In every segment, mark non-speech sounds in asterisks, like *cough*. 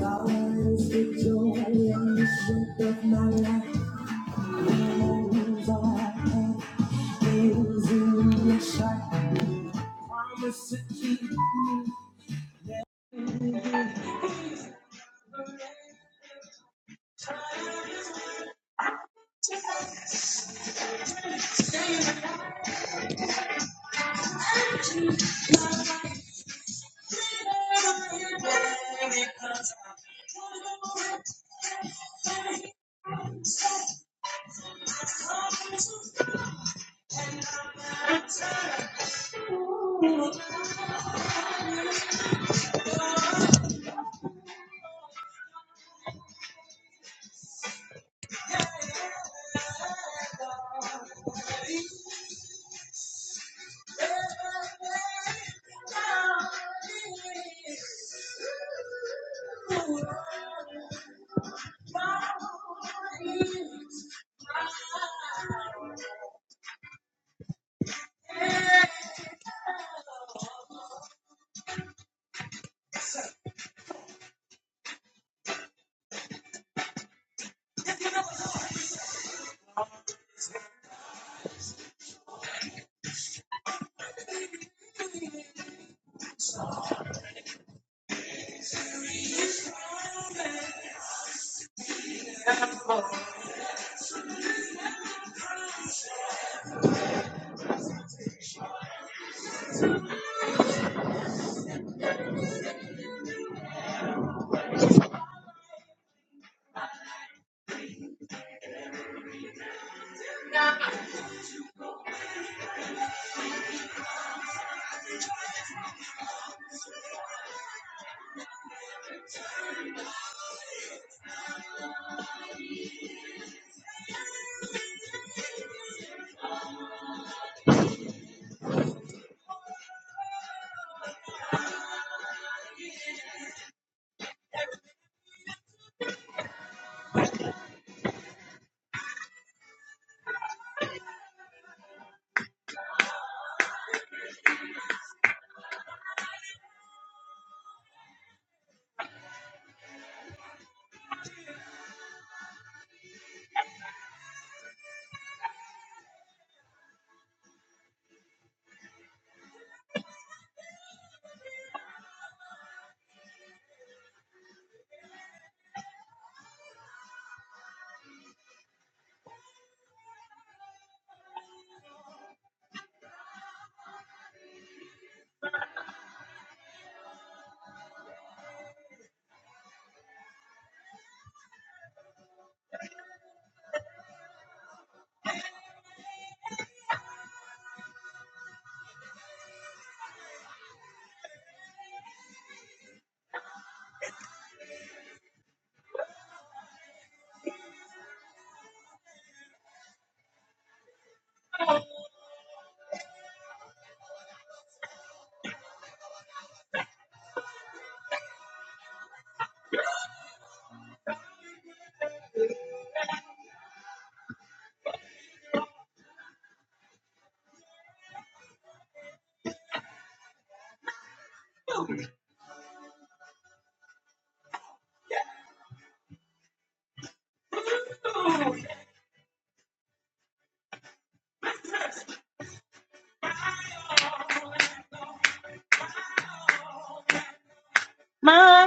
My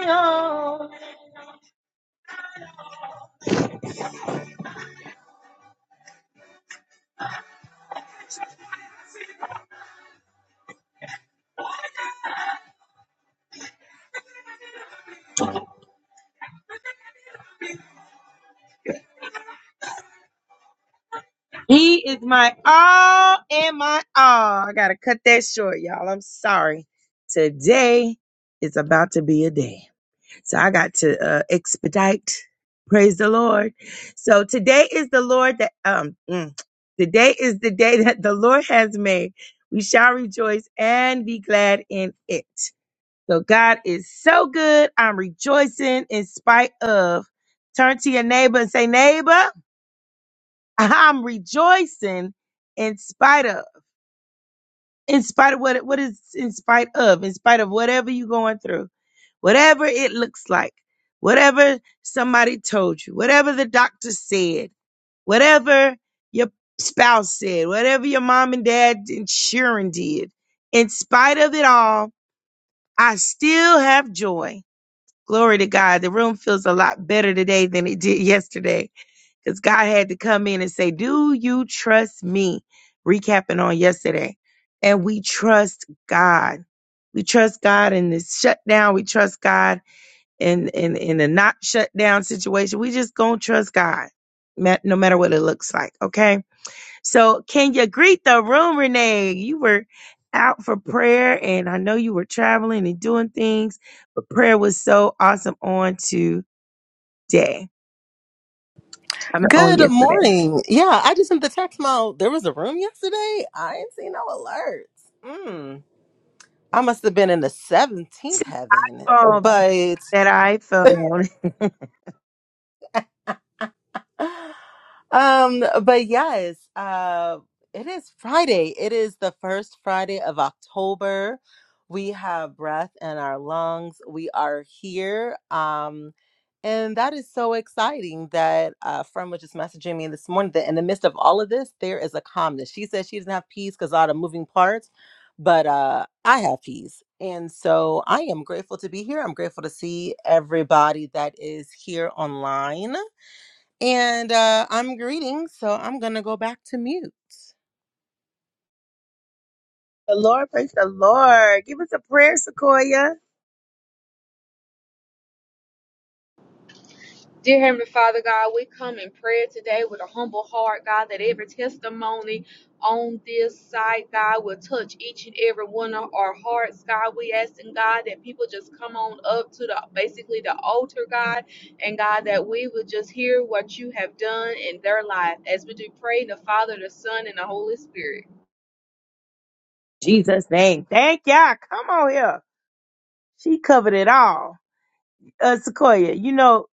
all. He is my all and my all. I gotta cut that short, y'all. I'm sorry. Today is about to be a day. So I got to uh, expedite. Praise the Lord. So today is the Lord that um mm, today is the day that the Lord has made. We shall rejoice and be glad in it. So God is so good. I'm rejoicing in spite of. Turn to your neighbor and say, neighbor, *laughs* I'm rejoicing in spite of in spite of what what is in spite of in spite of whatever you're going through whatever it looks like whatever somebody told you whatever the doctor said whatever your spouse said whatever your mom and dad and sharon did in spite of it all i still have joy glory to god the room feels a lot better today than it did yesterday because God had to come in and say, Do you trust me? Recapping on yesterday. And we trust God. We trust God in this shutdown. We trust God in, in, in a not shutdown situation. We just gonna trust God, ma- no matter what it looks like. Okay. So can you greet the room, Renee? You were out for prayer and I know you were traveling and doing things, but prayer was so awesome on today. I mean, on Good yesterday. morning. Yeah, I just sent the text mode. There was a room yesterday. I ain't seen no alerts. Mm. I must have been in the 17th heaven, So, but that iPhone. *laughs* Um, but yes, uh, it is Friday. It is the first Friday of October. We have breath in our lungs. We are here. Um, and that is so exciting that a friend was just messaging me this morning that in the midst of all of this, there is a calmness. She said she doesn't have peace because all the moving parts, but uh, I have peace. And so I am grateful to be here. I'm grateful to see everybody that is here online. And uh, I'm greeting, so I'm gonna go back to mute. The Lord, praise the Lord. Give us a prayer, Sequoia. Dear Heavenly Father God, we come in prayer today with a humble heart, God, that every testimony on this site, God, will touch each and every one of our hearts, God. We asking God that people just come on up to the basically the altar, God, and God, that we would just hear what you have done in their life as we do pray in the Father, the Son, and the Holy Spirit. Jesus' name. Thank y'all. Come on here. She covered it all. Uh, Sequoia, you know,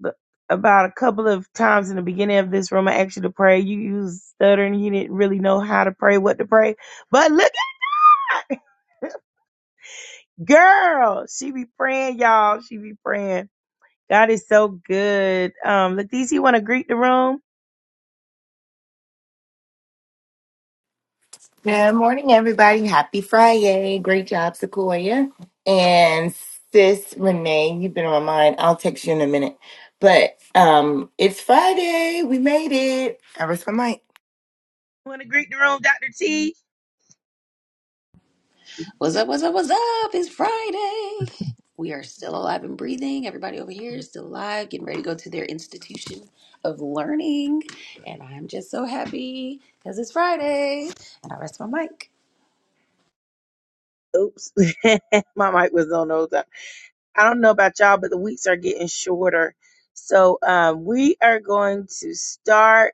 the- about a couple of times in the beginning of this room, I asked you to pray. You, you was stuttering. You didn't really know how to pray, what to pray. But look, at girl, she be praying, y'all. She be praying. God is so good. Um, Leticia, you want to greet the room? Good morning, everybody. Happy Friday. Great job, Sequoia. And sis Renee, you've been on my mind. I'll text you in a minute. But um, it's Friday. We made it. I rest my mic. Want to greet the room, Dr. T? What's up? What's up? What's up? It's Friday. We are still alive and breathing. Everybody over here is still alive, getting ready to go to their institution of learning. And I'm just so happy because it's Friday. And I rest my mic. Oops, *laughs* my mic was on those. I don't know about y'all, but the weeks are getting shorter. So um, we are going to start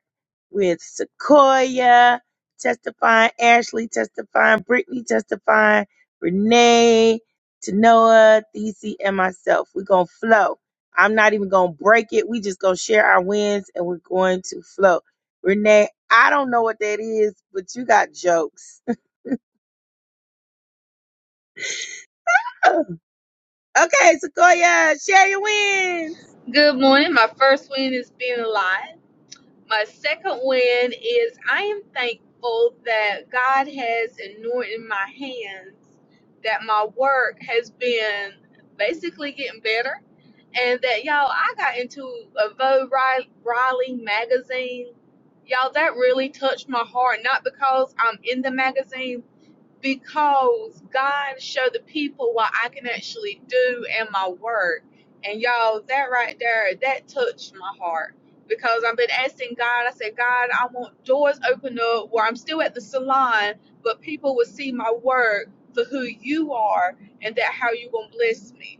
with Sequoia testifying, Ashley testifying, Brittany testifying, Renee, Tanoa, Thesey, and myself. We're going to flow. I'm not even going to break it. We just going to share our wins and we're going to flow. Renee, I don't know what that is, but you got jokes. *laughs* okay, Sequoia, share your wins. Good morning. My first win is being alive. My second win is I am thankful that God has anointed my hands, that my work has been basically getting better, and that y'all, I got into a Vogue Ri- Riley magazine. Y'all, that really touched my heart, not because I'm in the magazine, because God showed the people what I can actually do in my work. And y'all, that right there, that touched my heart because I've been asking God. I said, God, I want doors open up where I'm still at the salon, but people will see my work for who you are and that how you gonna bless me.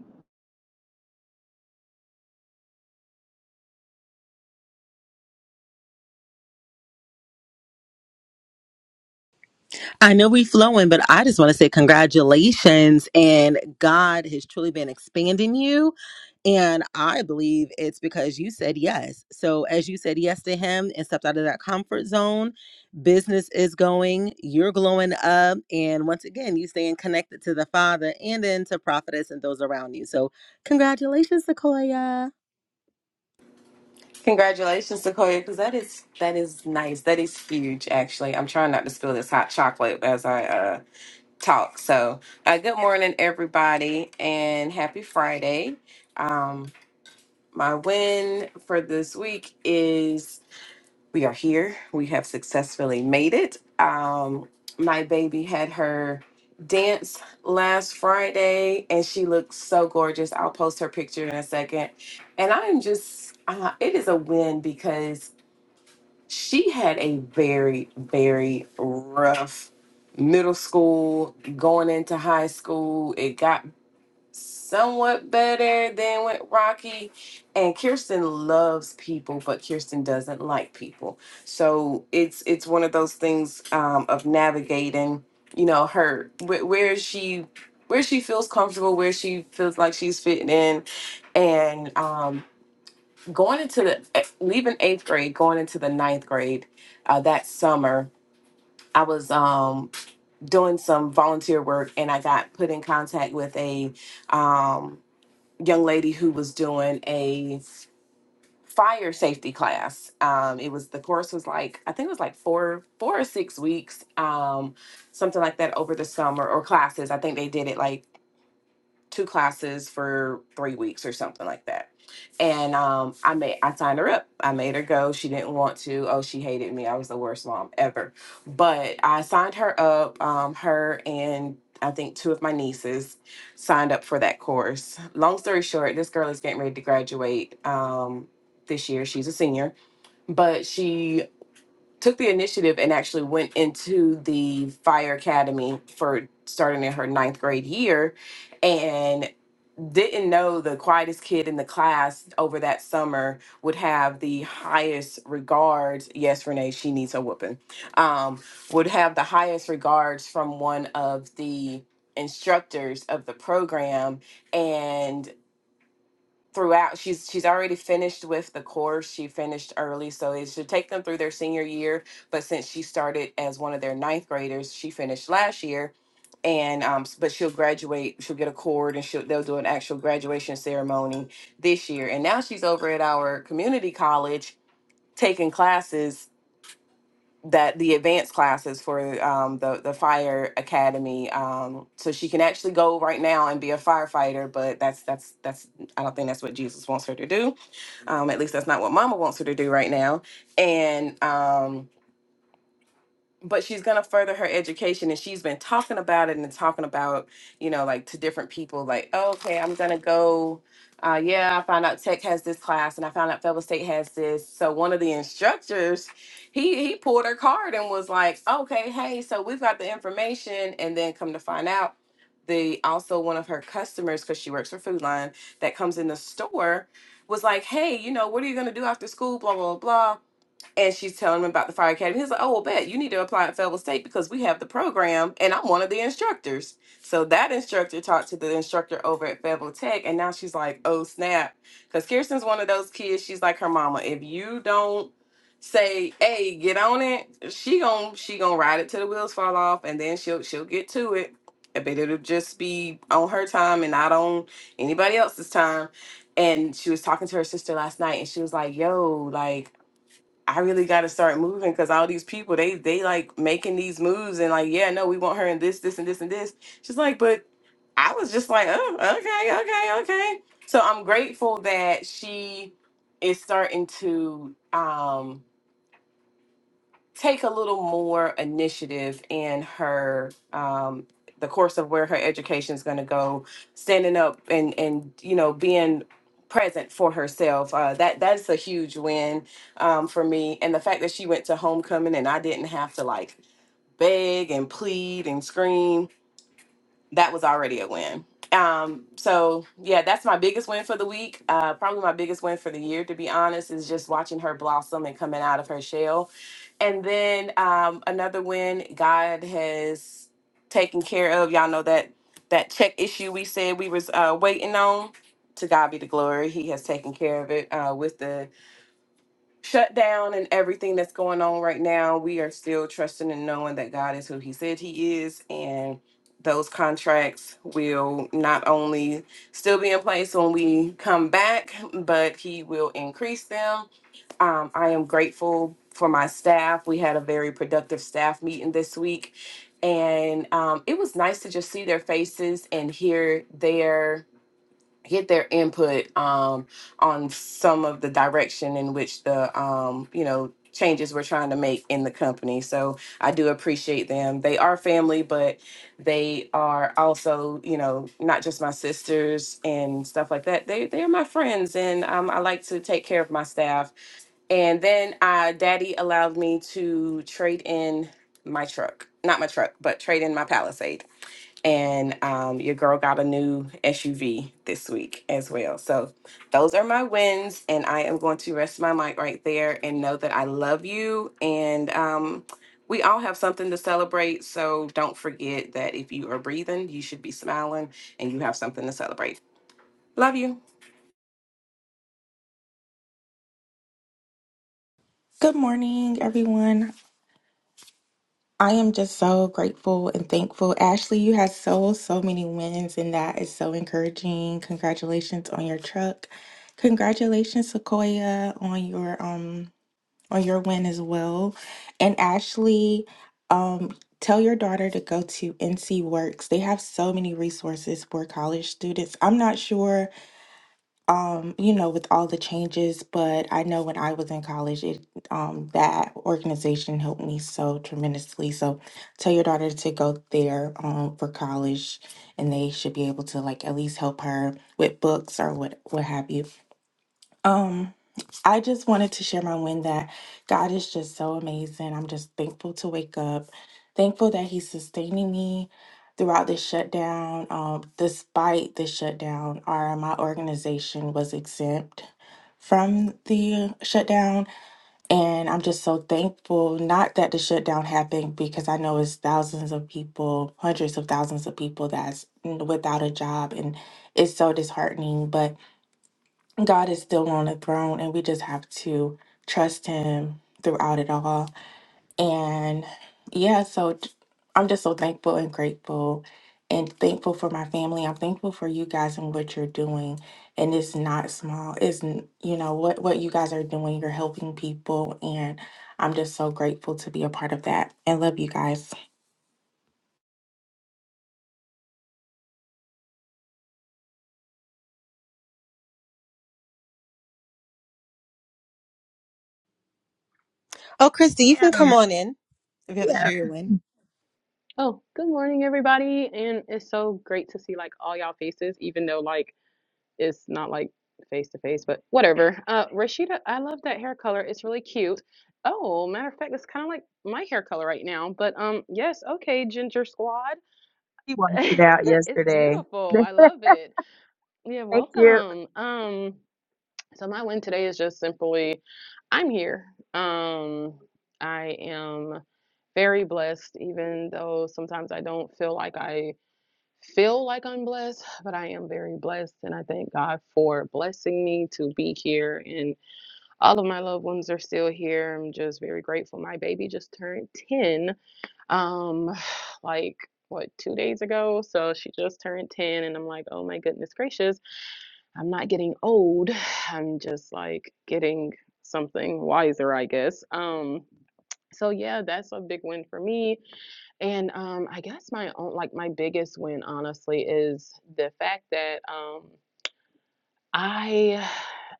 I know we flowing, but I just want to say congratulations and God has truly been expanding you. And I believe it's because you said yes. So as you said yes to him and stepped out of that comfort zone, business is going, you're glowing up, and once again, you staying connected to the Father and then to prophetess and those around you. So congratulations, Sequoia. Congratulations, Sequoia, because that is that is nice. That is huge, actually. I'm trying not to spill this hot chocolate as I uh, talk. So, uh, good morning, everybody, and happy Friday. Um, my win for this week we are here. We have successfully made it. Um, my baby had her dance last Friday, and she looks so gorgeous. I'll post her picture in a second. And I'm just, uh, it is a win because she had a very, very rough middle school going into high school. It got somewhat better than with Rocky. And Kirsten loves people, but Kirsten doesn't like people. So it's it's one of those things um, of navigating, you know, her where, where she where she feels comfortable, where she feels like she's fitting in, and um, going into the eh, leaving eighth grade, going into the ninth grade uh, that summer. I was um, doing some volunteer work, and I got put in contact with a um, young lady who was doing a fire safety class. Um, it was the course was like I think it was like four four or six weeks, um, something like that over the summer or classes. I think they did it like two classes for three weeks or something like that. And um, I made I signed her up. I made her go. She didn't want to. Oh, she hated me. I was the worst mom ever. But I signed her up. Um, her and I think two of my nieces signed up for that course. Long story short, this girl is getting ready to graduate um, this year. She's a senior, but she took the initiative and actually went into the fire academy for starting in her ninth grade year and didn't know the quietest kid in the class over that summer would have the highest regards. Yes, Renee, she needs a whooping. Um, would have the highest regards from one of the instructors of the program. and throughout she's she's already finished with the course she finished early so it should take them through their senior year but since she started as one of their ninth graders she finished last year and um s- but she'll graduate she'll get a cord and she'll they'll do an actual graduation ceremony this year and now she's over at our community college taking classes that the advanced classes for um, the the fire academy um, so she can actually go right now and be a firefighter but that's that's that's i don't think that's what jesus wants her to do um, at least that's not what mama wants her to do right now. And um, but she's going to further her education and she's been talking about it and talking about you know like to different people like oh, okay i'm going to go uh, yeah i found out tech has this class and i found out fellow state has this so one of the instructors he he pulled her card and was like okay hey so we've got the information and then come to find out the also one of her customers because she works for food line that comes in the store was like hey you know what are you going to do after school blah blah blah and she's telling him about the fire academy. He's like, "Oh, well, bet you need to apply at Fayetteville State because we have the program, and I'm one of the instructors." So that instructor talked to the instructor over at Fayetteville Tech, and now she's like, "Oh snap!" Because Kirsten's one of those kids. She's like her mama. If you don't say, "Hey, get on it," she gon' she gon' ride it till the wheels fall off, and then she'll she'll get to it. I bet it'll just be on her time and not on anybody else's time. And she was talking to her sister last night, and she was like, "Yo, like." I really got to start moving because all these people they they like making these moves and like yeah no we want her in this this and this and this. She's like, but I was just like, oh okay okay okay. So I'm grateful that she is starting to um take a little more initiative in her um the course of where her education is going to go standing up and and you know being present for herself uh that that's a huge win um for me and the fact that she went to homecoming and I didn't have to like beg and plead and scream that was already a win. Um, so yeah, that's my biggest win for the week. Uh, probably my biggest win for the year, to be honest, is just watching her blossom and coming out of her shell. And then um, another win God has taken care of. Y'all know that that check issue we said we was uh, waiting on. To God be the glory. He has taken care of it uh, with the shutdown and everything that's going on right now, we are still trusting and knowing that God is who He said He is, and those contracts will not only still be in place when we come back, but He will increase them. Um, I am grateful for my staff. We had a very productive staff meeting this week, and um, it was nice to just see their faces and hear their get their input um, on some of the direction in which the um, you know changes we're trying to make in the company so i do appreciate them they are family but they are also you know not just my sisters and stuff like that they they are my friends and um, i like to take care of my staff and then uh, daddy allowed me to trade in my truck, not my truck, but trade in my Palisade. And um, your girl got a new SUV this week as well. So those are my wins. And I am going to rest my mic right there and know that I love you. And um, we all have something to celebrate. So don't forget that if you are breathing, you should be smiling and you have something to celebrate. Love you. Good morning, everyone. I am just so grateful and thankful. Ashley, you had so, so many wins, and that is so encouraging. Congratulations on your truck. Congratulations, Sequoia, on your um on your win as well. And Ashley, um, tell your daughter to go to NC Works. They have so many resources for college students. I'm not sure um, you know, with all the changes, but I know when I was in college, it um, that organization helped me so tremendously. So tell your daughter to go there um, for college, and they should be able to like at least help her with books or what what have you. Um, I just wanted to share my win that God is just so amazing. I'm just thankful to wake up, thankful that He's sustaining me throughout this shutdown. Um, despite the shutdown, our my organization was exempt from the shutdown, and I'm just so thankful. Not that the shutdown happened because I know it's thousands of people, hundreds of thousands of people that's mm, without a job, and it's so disheartening, but God is still on the throne, and we just have to trust Him throughout it all. And yeah, so j- I'm just so thankful and grateful, and thankful for my family. I'm thankful for you guys and what you're doing. And it's not small. It's n- you know what what you guys are doing. You're helping people, and I'm just so grateful to be a part of that. And love you guys. Oh, Christy, you can come on in if you have to Yeah. share your win. Oh, good morning, everybody. And it's so great to see like all y'all faces, even though like it's not like face to face, but whatever. Uh, Rashida, I love that hair color. It's really cute. Oh, matter of fact, it's kind of like my hair color right now. But um, yes, okay, Ginger Squad. He wiped *laughs* it out It's yesterday. *laughs* beautiful. I love it. Yeah, Thank you. welcome. Um, so my win today is just simply I'm here. Um, I am very blessed, even though sometimes I don't feel like I feel like I'm blessed, but I am very blessed. And I thank God for blessing me to be here. And all of my loved ones are still here. I'm just very grateful. My baby just turned 10, um, *sighs* like what, two days ago? So she just turned 10. And I'm like, oh my goodness gracious, I'm not getting old. *sighs* I'm just like getting something wiser, I guess. Um, so yeah, that's a big win for me. And, um, I guess my own like, my biggest win, honestly, is the fact that, um, I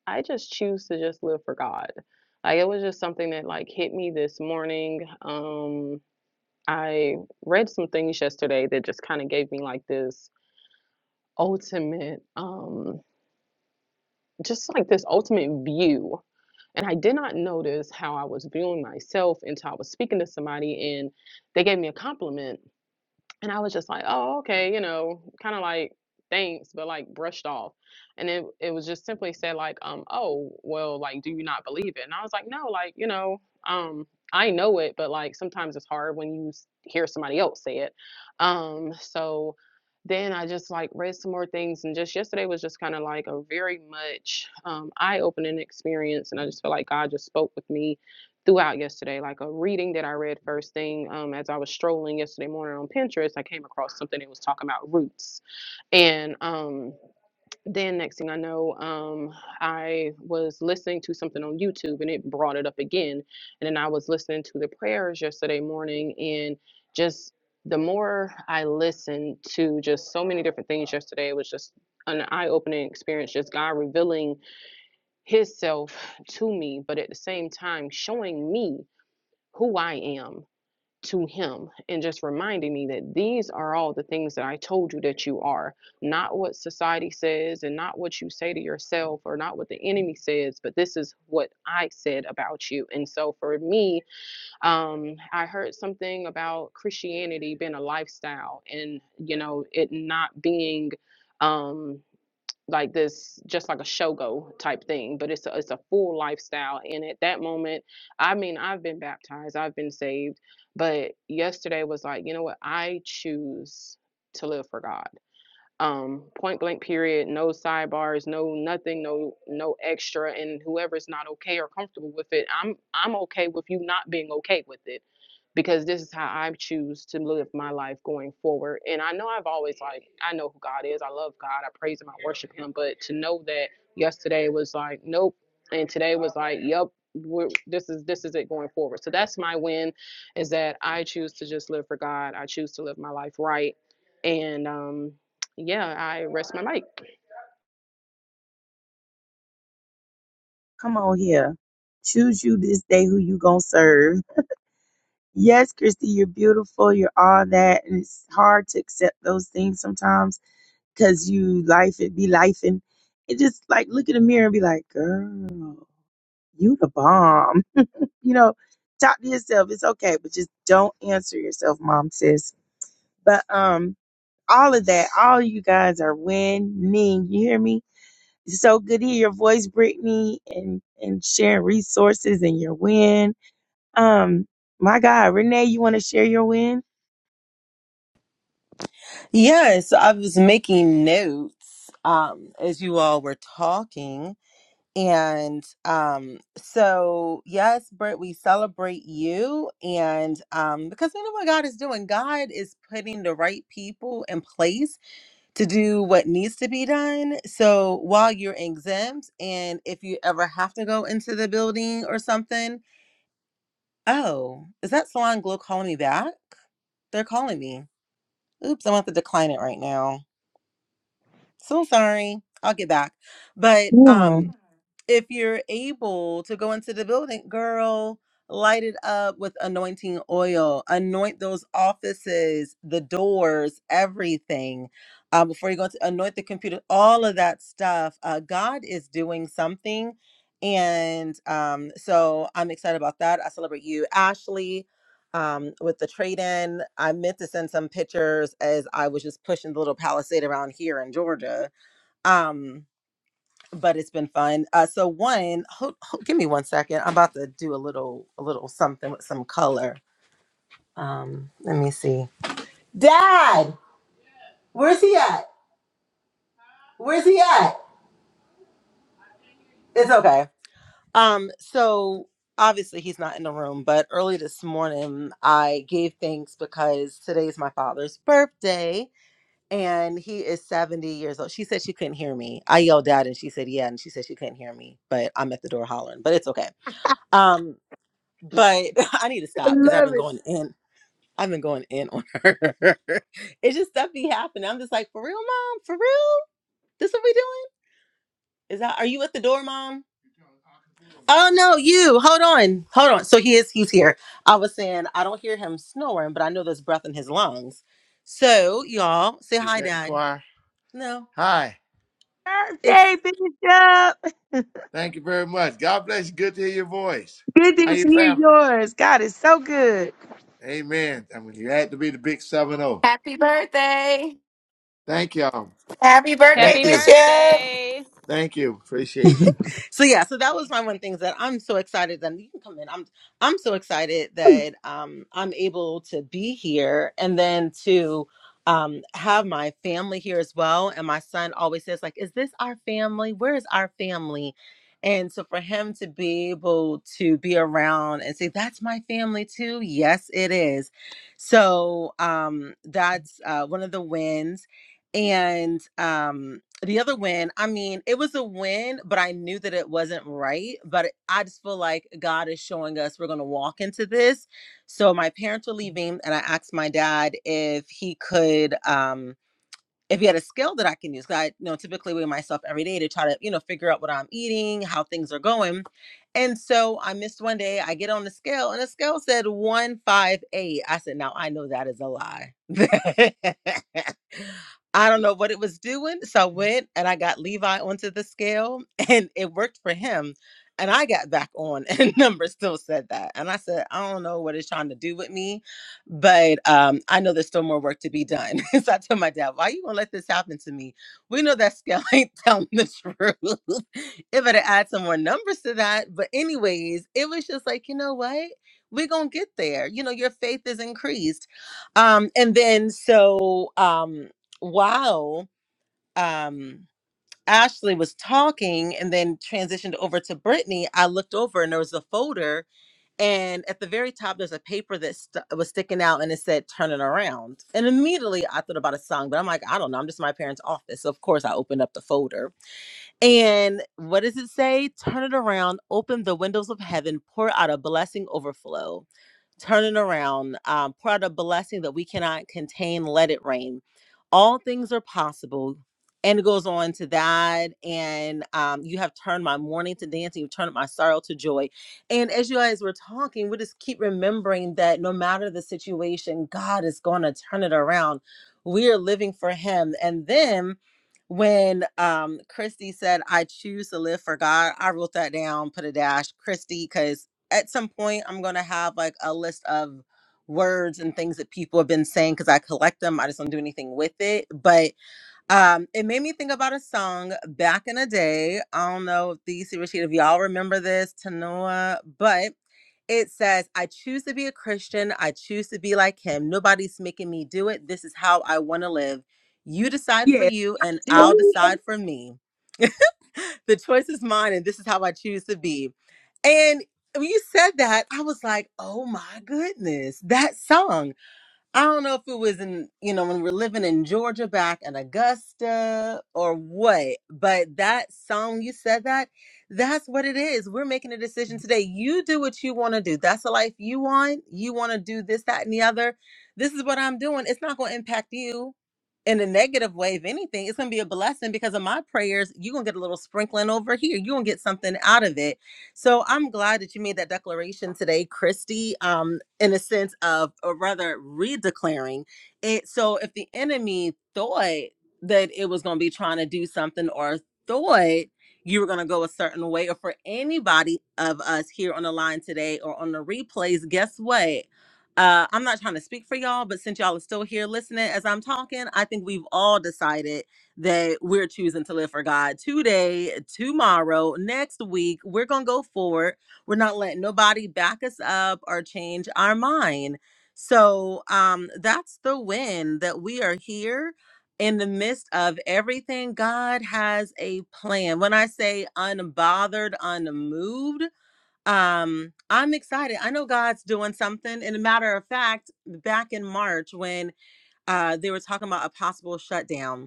I just choose to just live for God. Like, it was just something that, like, hit me this morning. Um, I read some things yesterday that just kinda gave me, like, this ultimate, um just, like, this ultimate view, and I did not notice how I was viewing myself until I was speaking to somebody, and they gave me a compliment. And I was just like, oh, okay, you know, kind of like thanks, but like brushed off. And it it was just simply said like, um, oh, well, like, do you not believe it? And I was like, no, like, you know, um, I know it, but like sometimes it's hard when you s- hear somebody else say it. Um, so then I just like read some more things, and just yesterday was just kind of like a very much um, eye-opening experience, and I just feel like God just spoke with me throughout yesterday, like a reading that I read first thing um, as I was strolling yesterday morning on Pinterest. I came across something that was talking about roots, and um, then next thing I know, um, I was listening to something on YouTube, and it brought it up again. And then I was listening to the prayers yesterday morning, and just the more I listened to just so many different things yesterday, it was just an eye-opening experience. Just God revealing His self to me, but at the same time showing me who I am to him and just reminding me that these are all the things that I told you that you are, not what society says and not what you say to yourself or not what the enemy says, but this is what I said about you. And so for me, um, I heard something about Christianity being a lifestyle and, you know, it not being. Um, like this just like a shogo type thing but it's a, it's a full lifestyle and at that moment i mean i've been baptized i've been saved but yesterday was like you know what i choose to live for god um, point blank period no sidebars no nothing no no extra and whoever's not okay or comfortable with it i'm i'm okay with you not being okay with it because this is how i choose to live my life going forward and i know i've always like i know who god is i love god i praise him i worship him but to know that yesterday was like nope and today was like yep we're, this is this is it going forward so that's my win is that i choose to just live for god i choose to live my life right and um yeah, I rest my mic. Come on here. Choose you this day who you gonna serve. Yes, Christy, you're beautiful. You're all that, and it's hard to accept those things sometimes because you life it be life, and it just like look in the mirror and be like, girl, you the bomb. *laughs* You know, talk to yourself. It's okay, but just don't answer yourself, mom says. But um, all of that, all you guys are winning. You hear me? It's so good to hear your voice, Brittany, and and sharing resources and your win. Um, my God, Renee, you want to share your win? Yes, I was making notes um, as you all were talking. And um, so, yes, Britt, we celebrate you. And um, because we know what God is doing, God is putting the right people in place to do what needs to be done. So, while you're exempt, and if you ever have to go into the building or something, oh, is that Salon Glow calling me back? They're calling me. Oops, I'm going to have to decline it right now. So sorry. I'll get back. But Yeah, um if you're able to go into the building, girl, light it up with anointing oil. Anoint those offices, the doors, everything. Uh, before you go to anoint the computer, all of that stuff. Uh, God is doing something. And um, so I'm excited about that. I celebrate you, Ashley. Um, with the trade in, I meant to send some pictures as I was just pushing the little palisade around here in Georgia um but it's been fun uh so one hold, hold, give me one second i'm about to do a little a little something with some color um let me see dad where's he at where's he at it's okay um so obviously he's not in the room but early this morning i gave thanks because today's my father's birthday and he is 70 years old she said she couldn't hear me i yelled out and she said yeah and she said she couldn't hear me but i'm at the door hollering but it's okay um but *laughs* I need to I stop because I've love been it. going in. I've been going in on her. *laughs* it's just stuff be happening. I'm just like, for real, mom, for real. This what we doing? Is that? Are you at the door, mom? Oh no, you. Hold on, hold on. So he is. He's here. I was saying I don't hear him snoring, but I know there's breath in his lungs. So y'all say Is hi, that dad. choir? No, Hi. it's Birthday, Bishop. Thank you very much. God bless you. Good to hear your voice. Good How to your hear family? yours. God is so good. Amen. I mean, you had to be the big seven zero. Happy birthday. Thank y'all. Happy birthday, Thank Happy you. Bishop. birthday. Thank you. Appreciate it. *laughs* *laughs* so yeah, so that was my one thing is that I'm so excited that you can come in. I'm I'm so excited that um I'm able to be here and then to um have my family here as well. And my son always says like, "Is this our family? Where is our family?" And so for him to be able to be around and say, "That's my family too." Yes, it is. So um that's uh, one of the wins. And um the other win, I mean, it was a win, but I knew that it wasn't right. But I just feel like God is showing us we're going to walk into this. So my parents were leaving, and I asked my dad if he could. Um, if you had a scale that I can use, 'cause I you know typically weigh myself every day to try to you know figure out what I'm eating, how things are going, and so I missed one day. I get on the scale, and the scale said one five eight. I said, now I know that is a lie. *laughs* I don't know what it was doing, so I went and I got Levi onto the scale, and it worked for him. And I got back on, and *laughs* number still said that. And I said, I don't know what it's trying to do with me but um, I know there's still more work to be done. *laughs* so I told my dad, "Why you gonna let this happen to me? We know that scale *laughs* ain't telling the truth. *laughs* it better add some more numbers to that." But anyways, it was just like, you know what? We're gonna get there. You know, your faith is increased. Um, and then so um, while um, Ashley was talking, and then transitioned over to Brittany, I looked over and there was a folder and at the very top there's a paper that st- was sticking out and it said turn it around and immediately i thought about a song but i'm like i don't know i'm just in my parents office so of course i opened up the folder and what does it say? Turn it around, open the windows of heaven, pour out a blessing overflow. Turn it around, um, pour out a blessing that we cannot contain, let it rain. All things are possible. And it goes on to that. And um, you have turned my mourning to dancing, you've turned my sorrow to joy. And as you guys were talking, we just keep remembering that no matter the situation, God is going to turn it around. We are living for Him. And then when um Christy said I choose to live for God, I wrote that down, put a dash, Christy, because at some point I'm gonna have like a list of words and things that people have been saying because I collect them. I just don't do anything with it. But um it made me think about a song back in the day. I don't know if these Rashid, if y'all remember this, Tanoa, but it says, I choose to be a Christian. I choose to be like him. Nobody's making me do it. This is how I want to live. You decide for Yeah. you, and I'll decide for me. *laughs* The choice is mine, and this is how I choose to be. And when you said that, I was like, oh my goodness, that song. I don't know if it was in, you know, when we were living in Georgia back in Augusta or what, but that song, you said that, that's what it is. We're making a decision today. You do what you want to do. That's the life you want. You want to do this, that, and the other. This is what I'm doing. It's not going to impact you in a negative way. If anything, it's going to be a blessing because of my prayers. You're going to get a little sprinkling over here. You're going to get something out of it so I'm glad that you made that declaration today, Christy, um, in a sense of, or rather, redeclaring it. So if the enemy thought that it was going to be trying to do something or thought you were going to go a certain way, or for anybody of us here on the line today or on the replays, guess what? Uh, I'm not trying to speak for y'all, but since y'all are still here listening as I'm talking, I think we've all decided that we're choosing to live for God today, tomorrow, next week. We're going to go forward. We're not letting nobody back us up or change our mind. So um, that's the win that we are here in the midst of everything. God has a plan. When I say unbothered, unmoved, um, I'm excited. I know God's doing something. And a matter of fact, back in March when uh, they were talking about a possible shutdown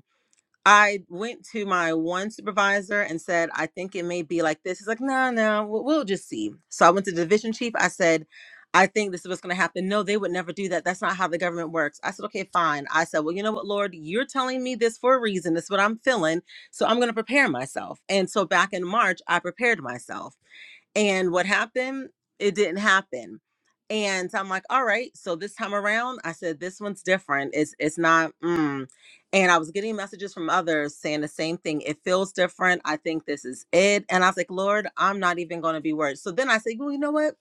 I went to my one supervisor and said, I think it may be like this. He's like, no, no, we'll, we'll just see. So I went to the division chief. I said, I think this is what's going to happen. No, they would never do that. That's not how the government works. I said, okay, fine. I said, well, you know what, Lord, you're telling me this for a reason. This is what I'm feeling. So I'm going to prepare myself. And so back in March, I prepared myself. And what happened? It didn't happen. And so I'm like, all right. So this time around, I said this one's different. It's it's not. Mm. And I was getting messages from others saying the same thing. It feels different. I think this is it. And I was like, Lord, I'm not even going to be worried. So then I said, well, you know what?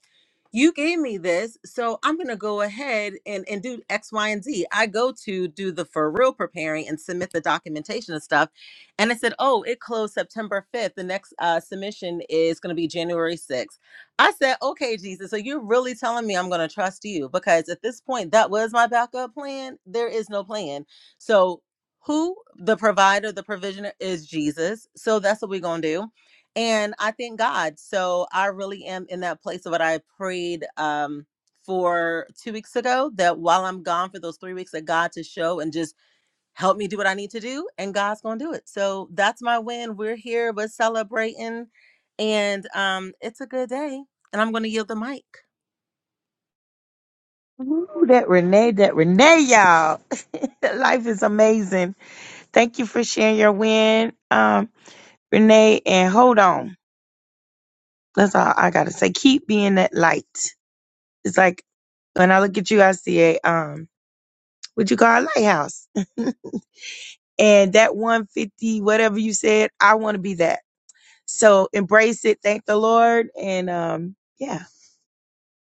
You gave me this, so I'm going to go ahead and and do X, Y, and Z. I go to do the for real preparing and submit the documentation and stuff and I said, Oh, it closed September 5th. The next uh, submission is going to be January 6th. I said, Okay, Jesus, so you're really telling me I'm going to trust you because at this point, that was my backup plan. There is no plan. So, who the provider, the provisioner is Jesus. So, that's what we're going to do. And I thank God. So, I really am in that place of what I prayed. Um, for two weeks ago, that while I'm gone for those three weeks, that God to show and just help me do what I need to do, and God's gonna do it. So that's my win. We're here, we're celebrating, and um, it's a good day. And I'm gonna yield the mic. Ooh, that Renee, that Renee, y'all. *laughs* Life is amazing. Thank you for sharing your win, um, Renee. And hold on. That's all I gotta say. Keep being that light. It's like when I look at you, I see a um, what you call a lighthouse. *laughs* and that 150, whatever you said, I want to be that. So embrace it. Thank the Lord. And um, yeah,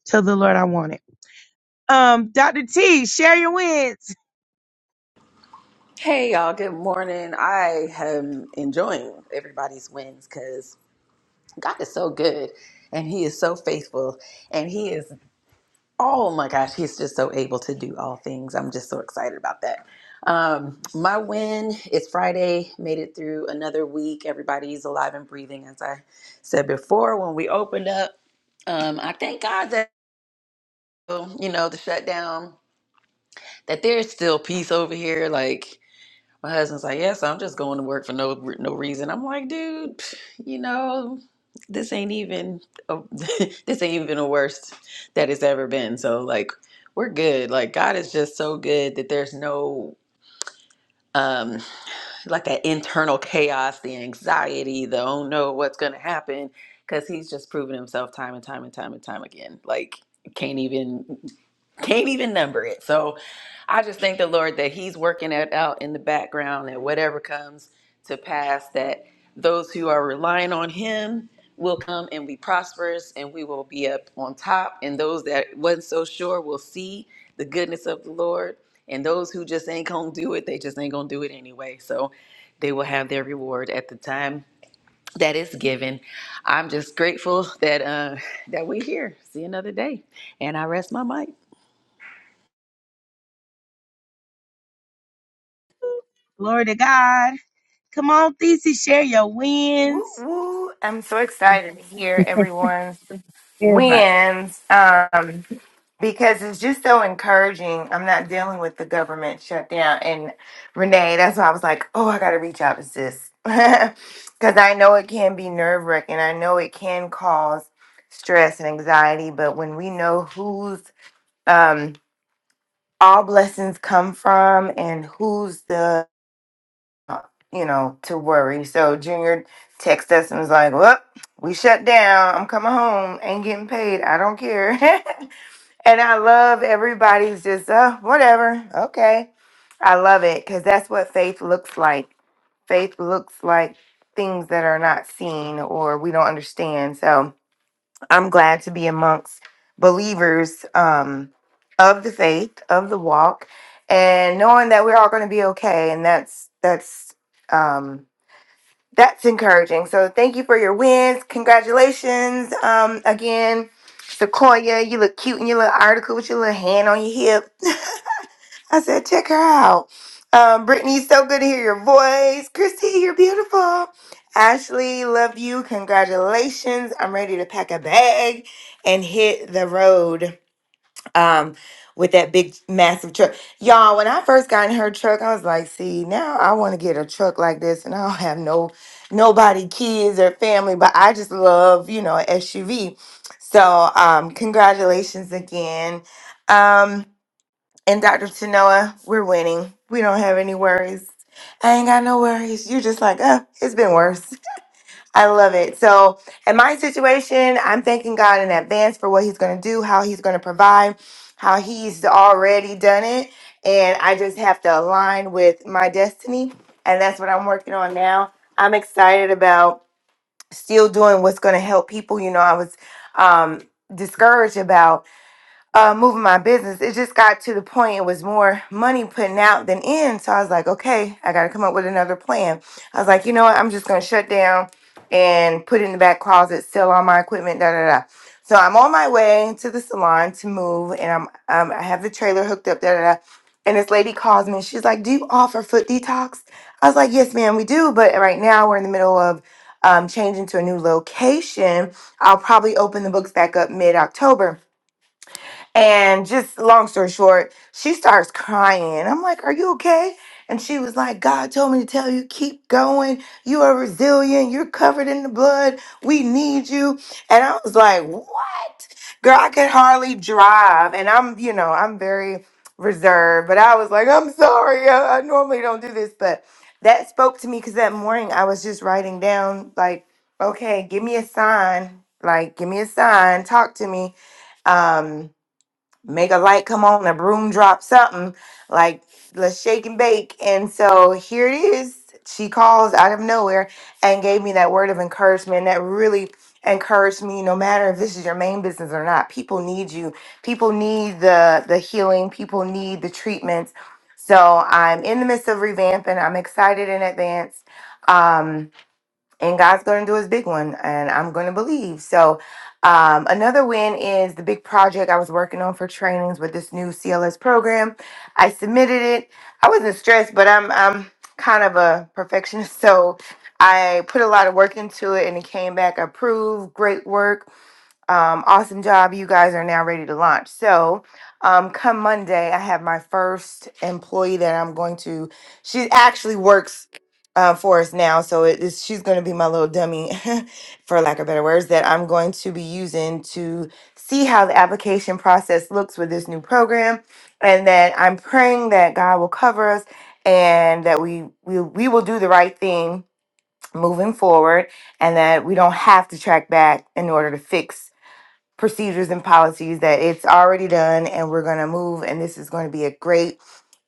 tell the Lord I want it. Um, Dr. T, share your wins. Hey y'all, good morning. I am enjoying everybody's wins because God is so good and He is so faithful and He is Oh my gosh, he's just so able to do all things. I'm just so excited about that. Um, my win, it's Friday, made it through another week. Everybody's alive and breathing, as I said before when we opened up. Um, I thank God that, you know, the shutdown, that there's still peace over here. Like, my husband's like, yes, I'm just going to work for no no reason. I'm like, dude, you know, this ain't even a, *laughs* this ain't even the worst that it's ever been. So like, we're good. Like God is just so good that there's no um like that internal chaos, the anxiety, the oh no, what's gonna happen? Because He's just proven Himself time and time and time and time again. Like can't even. Can't even number it. So I just thank the Lord that He's working it out in the background and whatever comes to pass, that those who are relying on Him will come and be prosperous and we will be up on top. And those that wasn't so sure will see the goodness of the Lord. And those who just ain't gonna do it, they just ain't gonna do it anyway. So they will have their reward at the time that is given. I'm just grateful that uh, that we're here. See another day. And I rest my mic. Glory to God. Come on, Thesey, share your Woo wins. woo. I'm so excited to hear everyone's. Everybody wins um, because it's just so encouraging. I'm not dealing with the government shutdown. And Renee, that's why I was like, oh, I got to reach out to sis. *laughs* Because I know it can be nerve wracking. I know it can cause stress and anxiety. But when we know whose um, all blessings come from and who's the, you know, to worry. So Junior texted us and was like, well, we shut down. I'm coming home. Ain't getting paid. I don't care. *laughs* And I love everybody's just, uh, whatever. Okay. I love it because that's what faith looks like. Faith looks like things that are not seen or we don't understand. So I'm glad to be amongst believers um, of the faith, of the walk, and knowing that we're all going to be okay. And that's, that's, um, that's encouraging. So thank you for your wins. Congratulations. Um, again, Sequoia, you look cute in your little article with your little hand on your hip. *laughs* I said, check her out. Um, Brittany, so good to hear your voice. Christy, you're beautiful. Ashley, love you. Congratulations. I'm ready to pack a bag and hit the road um with that big massive truck. Y'all, when I first got in her truck, I was like, see, now I want to get a truck like this and I don't have no nobody, kids or family, but I just love, you know, SUV. So um congratulations again. Um and Dr. Tanoa, we're winning. We don't have any worries. I ain't got no worries. You just like, uh, it's been worse. I love it. So, in my situation, I'm thanking God in advance for what He's going to do, how He's going to provide, how He's already done it. And I just have to align with my destiny. And that's what I'm working on now. I'm excited about still doing what's going to help people. You know, I was um, discouraged about uh, moving my business, it just got to the point it was more money putting out than in. So I was like, okay, I got to come up with another plan. I was like, you know what? I'm just going to shut down and put it in the back closet, sell all my equipment, da da da. So I'm on my way to the salon to move, and I'm um, I have the trailer hooked up, da da da. And this lady calls me, and she's like, "Do you offer foot detox?" I was like, "Yes, ma'am, we do, but right now we're in the middle of um, changing to a new location. I'll probably open the books back up mid October." And just long story short, she starts crying. I'm like, Are you okay? And she was like, God told me to tell you, keep going. You are resilient. You're covered in the blood. We need you. And I was like, What? Girl, I could hardly drive. And I'm, you know, I'm very reserved. But I was like, I'm sorry. I, I normally don't do this. But that spoke to me because that morning I was just writing down, like, okay, give me a sign. Like, give me a sign. Talk to me. Um, make a light come on, a broom drop something, like let's shake and bake. And so here it is. She calls out of nowhere and gave me that word of encouragement that really encouraged me no matter if this is your main business or not. People need you. People need the the healing, people need the treatments. So I'm in the midst of revamping. I'm excited in advance. Um and God's going to do his big one, and I'm going to believe. So, um, another win is the big project I was working on for trainings with this new CLS program. I submitted it. I wasn't stressed, but I'm I'm kind of a perfectionist, *laughs* so I put a lot of work into it, and it came back approved. Great work um, awesome job. You guys are now ready to launch. So, um, come Monday, I have my first employee that I'm going to. She actually works uh, for us now, so it is, she's going to be my little dummy, *laughs* for lack of better words, that I'm going to be using to see how the application process looks with this new program, and that I'm praying that God will cover us and that we we, we will do the right thing moving forward and that we don't have to track back in order to fix procedures and policies that it's already done and we're going to move and this is going to be a great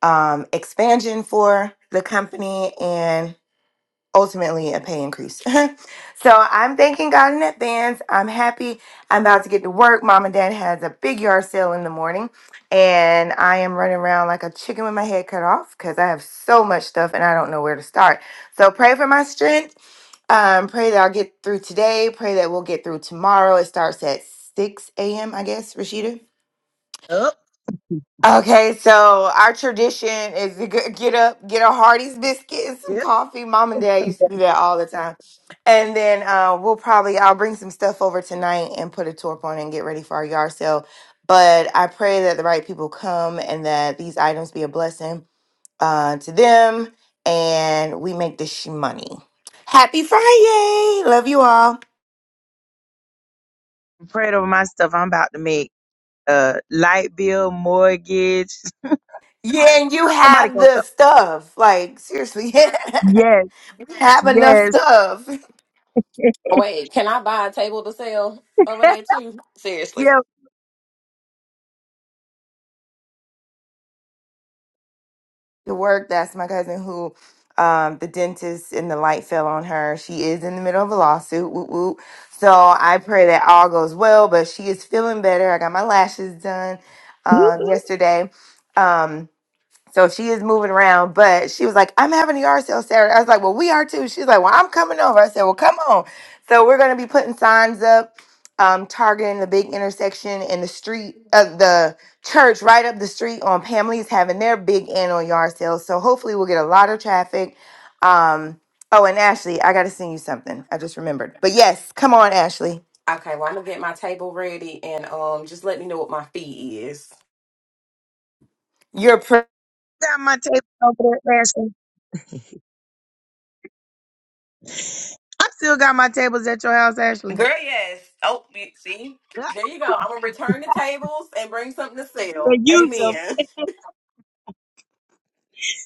um, expansion for the company ultimately a pay increase. *laughs* so I'm thanking God in advance. I'm happy. I'm about to get to work. Mom and dad has a big yard sale in the morning, and I am running around like a chicken with my head cut off because I have so much stuff and I don't know where to start. So pray for my strength. Um, pray that I'll get through today. Pray that we'll get through tomorrow. It starts at 6 a.m., I guess, Rashida. up. Okay, so our tradition is to g- get up, get a Hardee's biscuit and some coffee. Mom and Dad used to do that all the time. And then uh, we'll probably, I'll bring some stuff over tonight and put a torp on and get ready for our yard sale. But I pray that the right people come and that these items be a blessing uh, to them and we make this sh- money. Happy Friday! Love you all. prayed over my stuff. I'm about to make uh light bill, mortgage. Yeah, and you *laughs* Somebody have gonna the come. stuff. Like, seriously, Yes, *laughs* you have enough yes, stuff. Wait, can I buy a table to sell *laughs* over there too? Seriously. yeah. The work. That's my cousin who um the dentist and the light fell on her. She is in the middle of a lawsuit. Whoop whoop. So I pray that all goes well, but she is feeling better. I got my lashes done You uh, yesterday. Um so she is moving around, but she was like, I'm having a yard sale Saturday. I was like, Well, we are too. She's like, Well, I'm coming over. I said, Well, come on. So we're going to be putting signs up, um, targeting the big intersection and the street, uh, the church right up the street on Pamela's having their big annual yard sale. So hopefully we'll get a lot of traffic. Um, oh, and Ashley, I got to send you something. I just remembered. But yes, come on, Ashley. Okay, well I'm gonna get my table ready and um just let me know what my fee is. You're pr- got my tables over there, Ashley. I still got my tables at your house, Ashley. Girl, yes. Oh, you- see, Yeah, there you go. I'm gonna return the tables and bring something to sell. And use them. Amen. *laughs*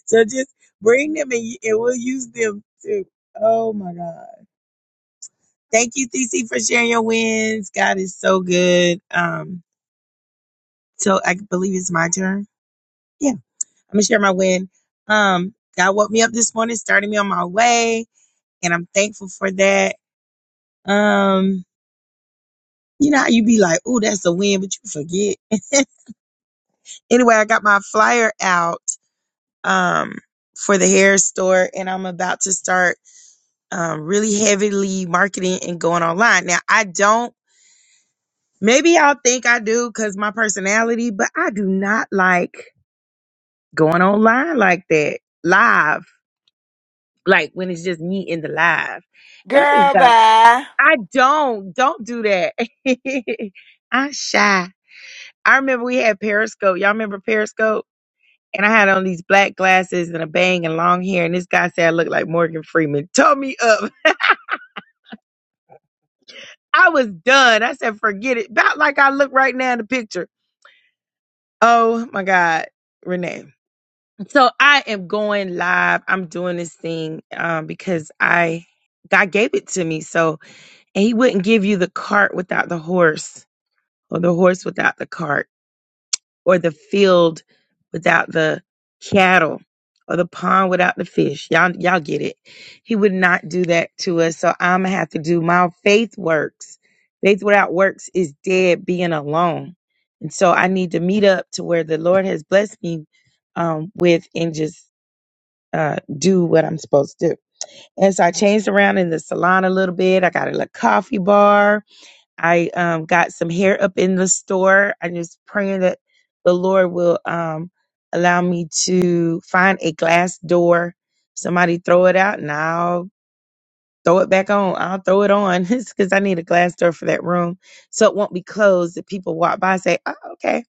so just bring them and, you- and we'll use them too. Oh my God. Thank you, CC, for sharing your wins. God is so good. Um, so I believe it's my turn. Yeah, I'm gonna share my win. Um, God woke me up this morning, started me on my way and I'm thankful for that. Um, you know how you be like, "Oh, that's a win," but you forget. *laughs* anyway, I got my flyer out um for the hair store, and I'm about to start um really heavily marketing and going online. Now, I don't. Maybe y'all think I do because my personality, but I do not like going online like that live, like when it's just me in the live. And I just girl, got, bye. I don't, don't do that. *laughs* I'm shy. I remember we had Periscope. Y'all remember Periscope? And I had on these black glasses and a bang and long hair. And this guy said I looked like Morgan Freeman. *laughs* Told me up. *laughs* I was done. I said, forget it. About like I look right now in the picture. Oh my God, Renee. So I am going live. I'm doing this thing um, because I God gave it to me. So and He wouldn't give you the cart without the horse, or the horse without the cart. or the field without the cattle or the pond without the fish. Y'all, y'all get it. He would not do that to us. So I'm gonna have to do my faith works. Faith without works is dead being alone. And so I need to meet up to where the Lord has blessed me um, with and just uh, do what I'm supposed to do. And so I changed around in the salon a little bit. I got a little coffee bar I um, got some hair up in the store. I'm just praying that the Lord will um, allow me to find a glass door. Somebody throw it out and I'll throw it back on. I'll throw it on *laughs* because I need a glass door for that room so it won't be closed. If people walk by and say, oh, okay.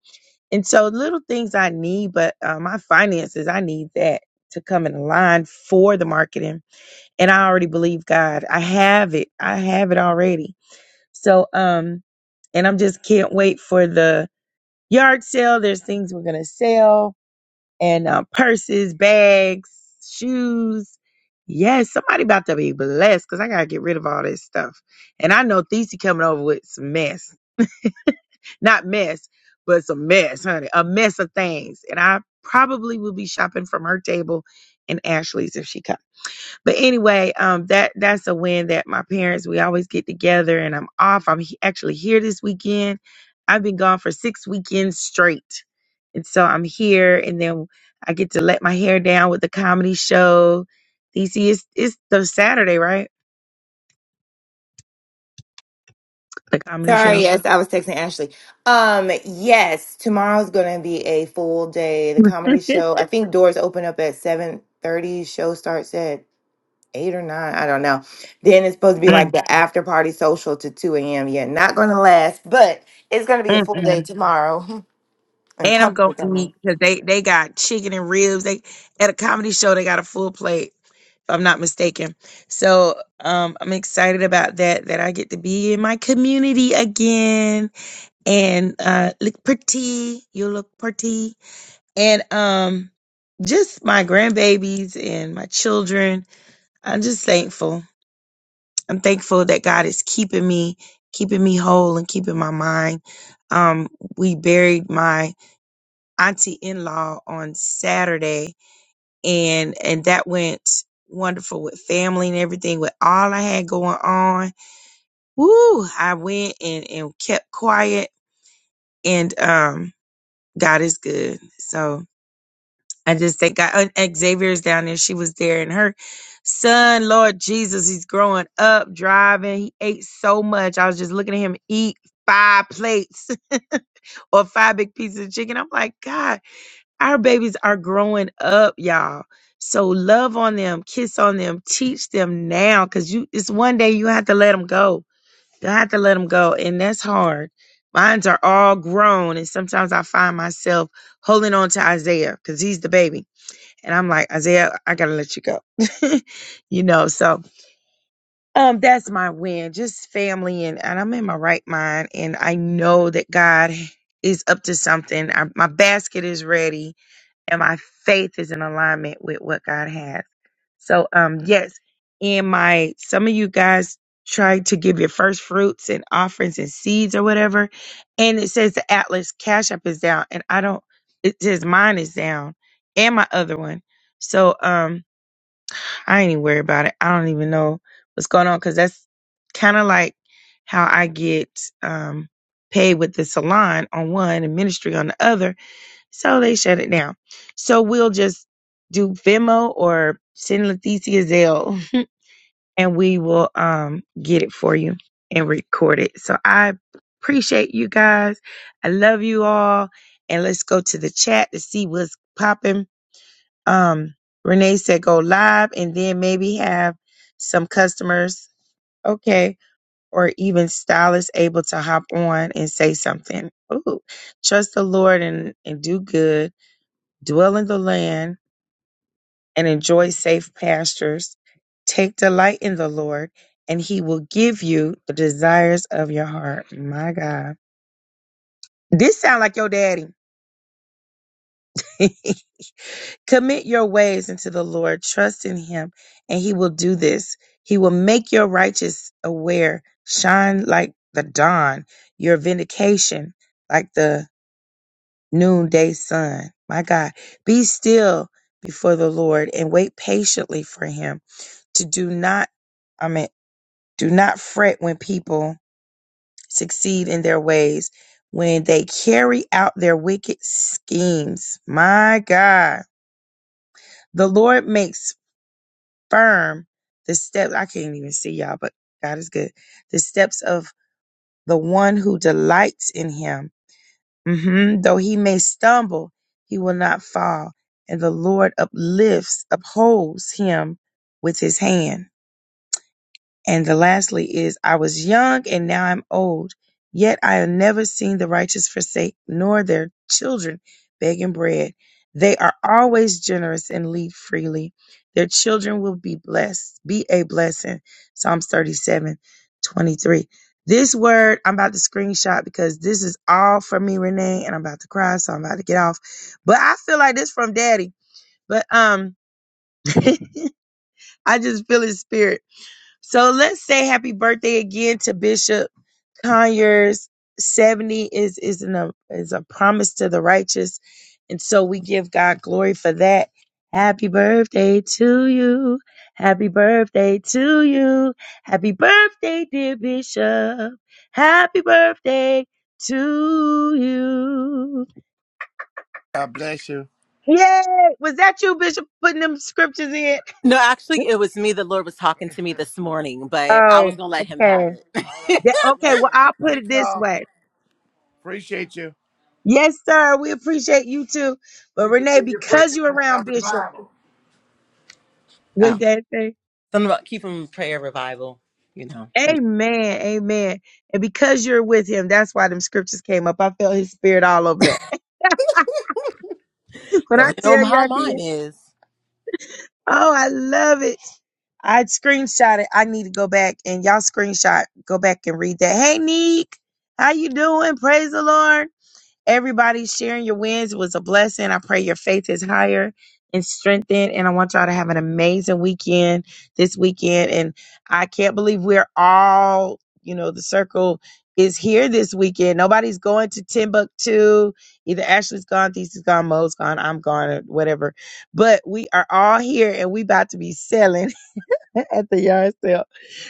And so little things I need, but uh, my finances, I need that to come in line for the marketing. And I already believe God. I have it. I have it already so, um, and I'm just can't wait for the yard sale. There's things we're gonna sell and uh, purses, bags, shoes. Yes, somebody about to be blessed because I gotta get rid of all this stuff. And I know Thesey coming over with some mess, *laughs* not mess, but some mess, honey, a mess of things. And I probably will be shopping from her table and Ashley's if she comes. But anyway, um, that that's a win that my parents we always get together, and I'm off. I'm he- actually here this weekend. I've been gone for six weekends straight, and so I'm here, and then I get to let my hair down with the comedy show. DC is it's the Saturday, right? The comedy Sorry, show. yes, I was texting Ashley. Um, yes, tomorrow's gonna be a full day. The comedy *laughs* show. I think doors open up at seven thirty. Show starts at eight or nine. I don't know. Then it's supposed to be like Mm, the after party social to two a.m. Yeah, not gonna last, but it's gonna be a mm, full mm. day tomorrow. *laughs* And And I'm gonna company coming. eat because they they got chicken and ribs. They at a comedy show they got a full plate, if I'm not mistaken. So um I'm excited about that, that I get to be in my community again and uh look pretty. You look pretty. And um just my grandbabies and my children. I'm just thankful. I'm thankful that God is keeping me, keeping me whole and keeping my mind. Um, we buried my auntie in law on Saturday, and and that went wonderful with family and everything. With all I had going on, woo! I went and and kept quiet, and um, God is good. So I just thank God. And Xavier's down there; she was there, and her son, Lord Jesus, he's growing up, driving. He ate so much. I was just looking at him eat five plates *laughs* or five big pieces of chicken. I'm like, God. Our babies are growing up, y'all. So love on them, kiss on them, teach them now, cause you it's one day you have to let them go. You have to let them go, and that's hard. Mines are all grown, and sometimes I find myself holding on to Isaiah because he's the baby, and I'm like Isaiah, I gotta let you go, *laughs* you know. So um, that's my win, just family, and and I'm in my right mind, and I know that God is up to something. I, my basket is ready and my faith is in alignment with what God has. So, um, yes, in my some of you guys tried to give your first fruits and offerings and seeds or whatever, and it says the Atlas Cash App is down, and I don't. It says mine is down and my other one. So, um, I ain't even worried about it. I don't even know what's going on because that's kind of like how I get um paid with the salon on one and ministry on the other so they shut it down. So we'll just do Venmo or send Leticia Zell *laughs* and we will um get it for you and record it. So I appreciate you guys. I love you all. And let's go to the chat to see what's popping. Um Renee said go live and then maybe have some customers. Okay. Or even stylists able to hop on and say something. Ooh, trust the Lord and, and do good dwell in the land and enjoy safe pastures. Take delight in the Lord, and he will give you the desires of your heart. My God. This sound like your daddy. *laughs* Commit your ways into the Lord, trust in him, and he will do this. He will make your righteous aware, shine like the dawn, your vindication like the noonday sun. My God, be still before the Lord and wait patiently for him to do not, I mean, do not fret when people succeed in their ways, when they carry out their wicked schemes. My God, the Lord makes firm the steps. I can't even see y'all, but God is good. The steps of the one who delights in him. hmm Though he may stumble, he will not fall, and the Lord uplifts, upholds him with his hand. And the lastly is, I was young and now I'm old, yet I have never seen the righteous forsake, nor their children begging bread. They are always generous and lead freely. Their children will be blessed, be a blessing. Psalms 37, 23. This word I'm about to screenshot because this is all for me, Renee, and I'm about to cry, so I'm about to get off. But I feel like this from daddy. But um *laughs* I just feel his spirit. So let's say happy birthday again to Bishop Conyers. 70 is is an, is a promise to the righteous. And so we give God glory for that. Happy birthday to you. Happy birthday to you. Happy birthday, dear Bishop. Happy birthday to you. God bless you. Yay! Was that you, Bishop, putting them scriptures in? No, actually, it was me. The Lord was talking to me *laughs* this morning, but I was Oh, gonna let Him have okay. All right. it. *laughs* Yeah, God okay, bless well, y'all. I'll put Thank it this y'all. way. Appreciate you. Yes, sir. We appreciate you too. But Keep us Renee, in your prayer because you're Let's have around Bishop revival. with oh, that thing, something about keeping prayer revival. You know, amen, amen. And because you're with him, that's why them scriptures came up. I felt his spirit all over that. *laughs* when I because you know tell you how I did, mine is. oh, I love it. I screenshot it. I need to go back and y'all screenshot, go back and read that. Hey, Neek, how you doing? Praise the Lord. Everybody sharing your wins was a blessing. I pray your faith is higher and strengthened. And I want y'all to have an amazing weekend this weekend. And I can't believe we're all, you know, the circle is here this weekend. Nobody's going to Timbuktu. Either Ashley's gone, Thesis gone, Mo's gone, I'm gone, or whatever. But we are all here and we about to be selling. *laughs* at the yard sale.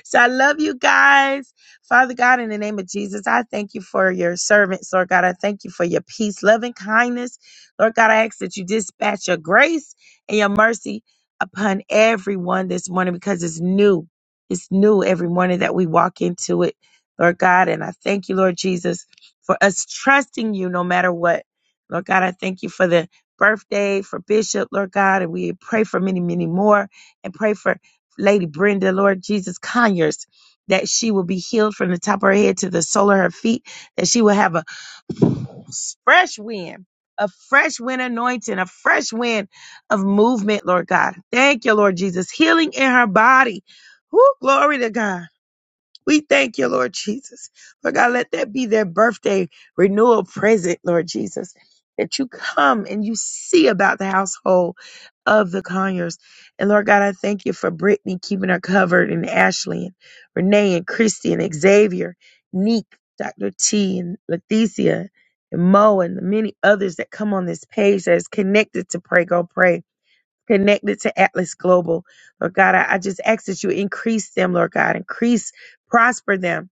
So I love you guys. Father God, in the name of Jesus, I thank you for your servants, Lord God. I thank you for your peace, love, and kindness. Lord God, I ask that you dispatch your grace and your mercy upon everyone this morning because it's new. It's new every morning that we walk into it, Lord God. And I thank you, Lord Jesus, for us trusting you no matter what. Lord God, I thank you for the birthday for Bishop, Lord God, and we pray for many, many more and pray for Lady Brenda, Lord Jesus Conyers, that she will be healed from the top of her head to the sole of her feet, that she will have a fresh wind, a fresh wind anointing, a fresh wind of movement, Lord God. Thank you, Lord Jesus. Healing in her body. Woo, glory to God. We thank you, Lord Jesus. Lord God, let that be their birthday renewal present, Lord Jesus, that you come and you see about the household of the Conyers. And Lord God, I thank you for Brittany keeping her covered and Ashley and Renee and Christy and Xavier, Neek, Dr. T and Leticia and Mo and the many others that come on this page that is connected to Pray Go Pray connected to Atlas Global. Lord God, I, I just ask that you increase them, Lord God, increase, prosper them,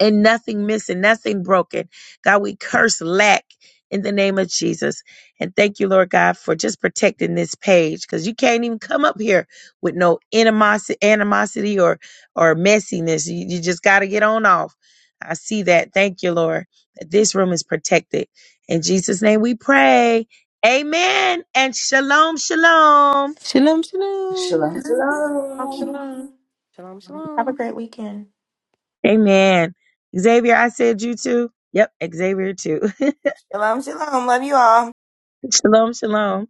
and nothing missing, nothing broken. God, we curse lack in the name of Jesus. And thank you, Lord God, for just protecting this page because you can't even come up here with no animosity, animosity or, or messiness. You, you just got to get on off. I see that. Thank you, Lord, that this room is protected. In Jesus' name we pray. Amen. And shalom, shalom. Shalom, shalom. Shalom, Oh, shalom. Shalom. Shalom, Have shalom. a great weekend. Amen. Xavier, I said you too. Yep, Xavier too. Shalom, shalom. Love you all. *laughs* shalom, shalom.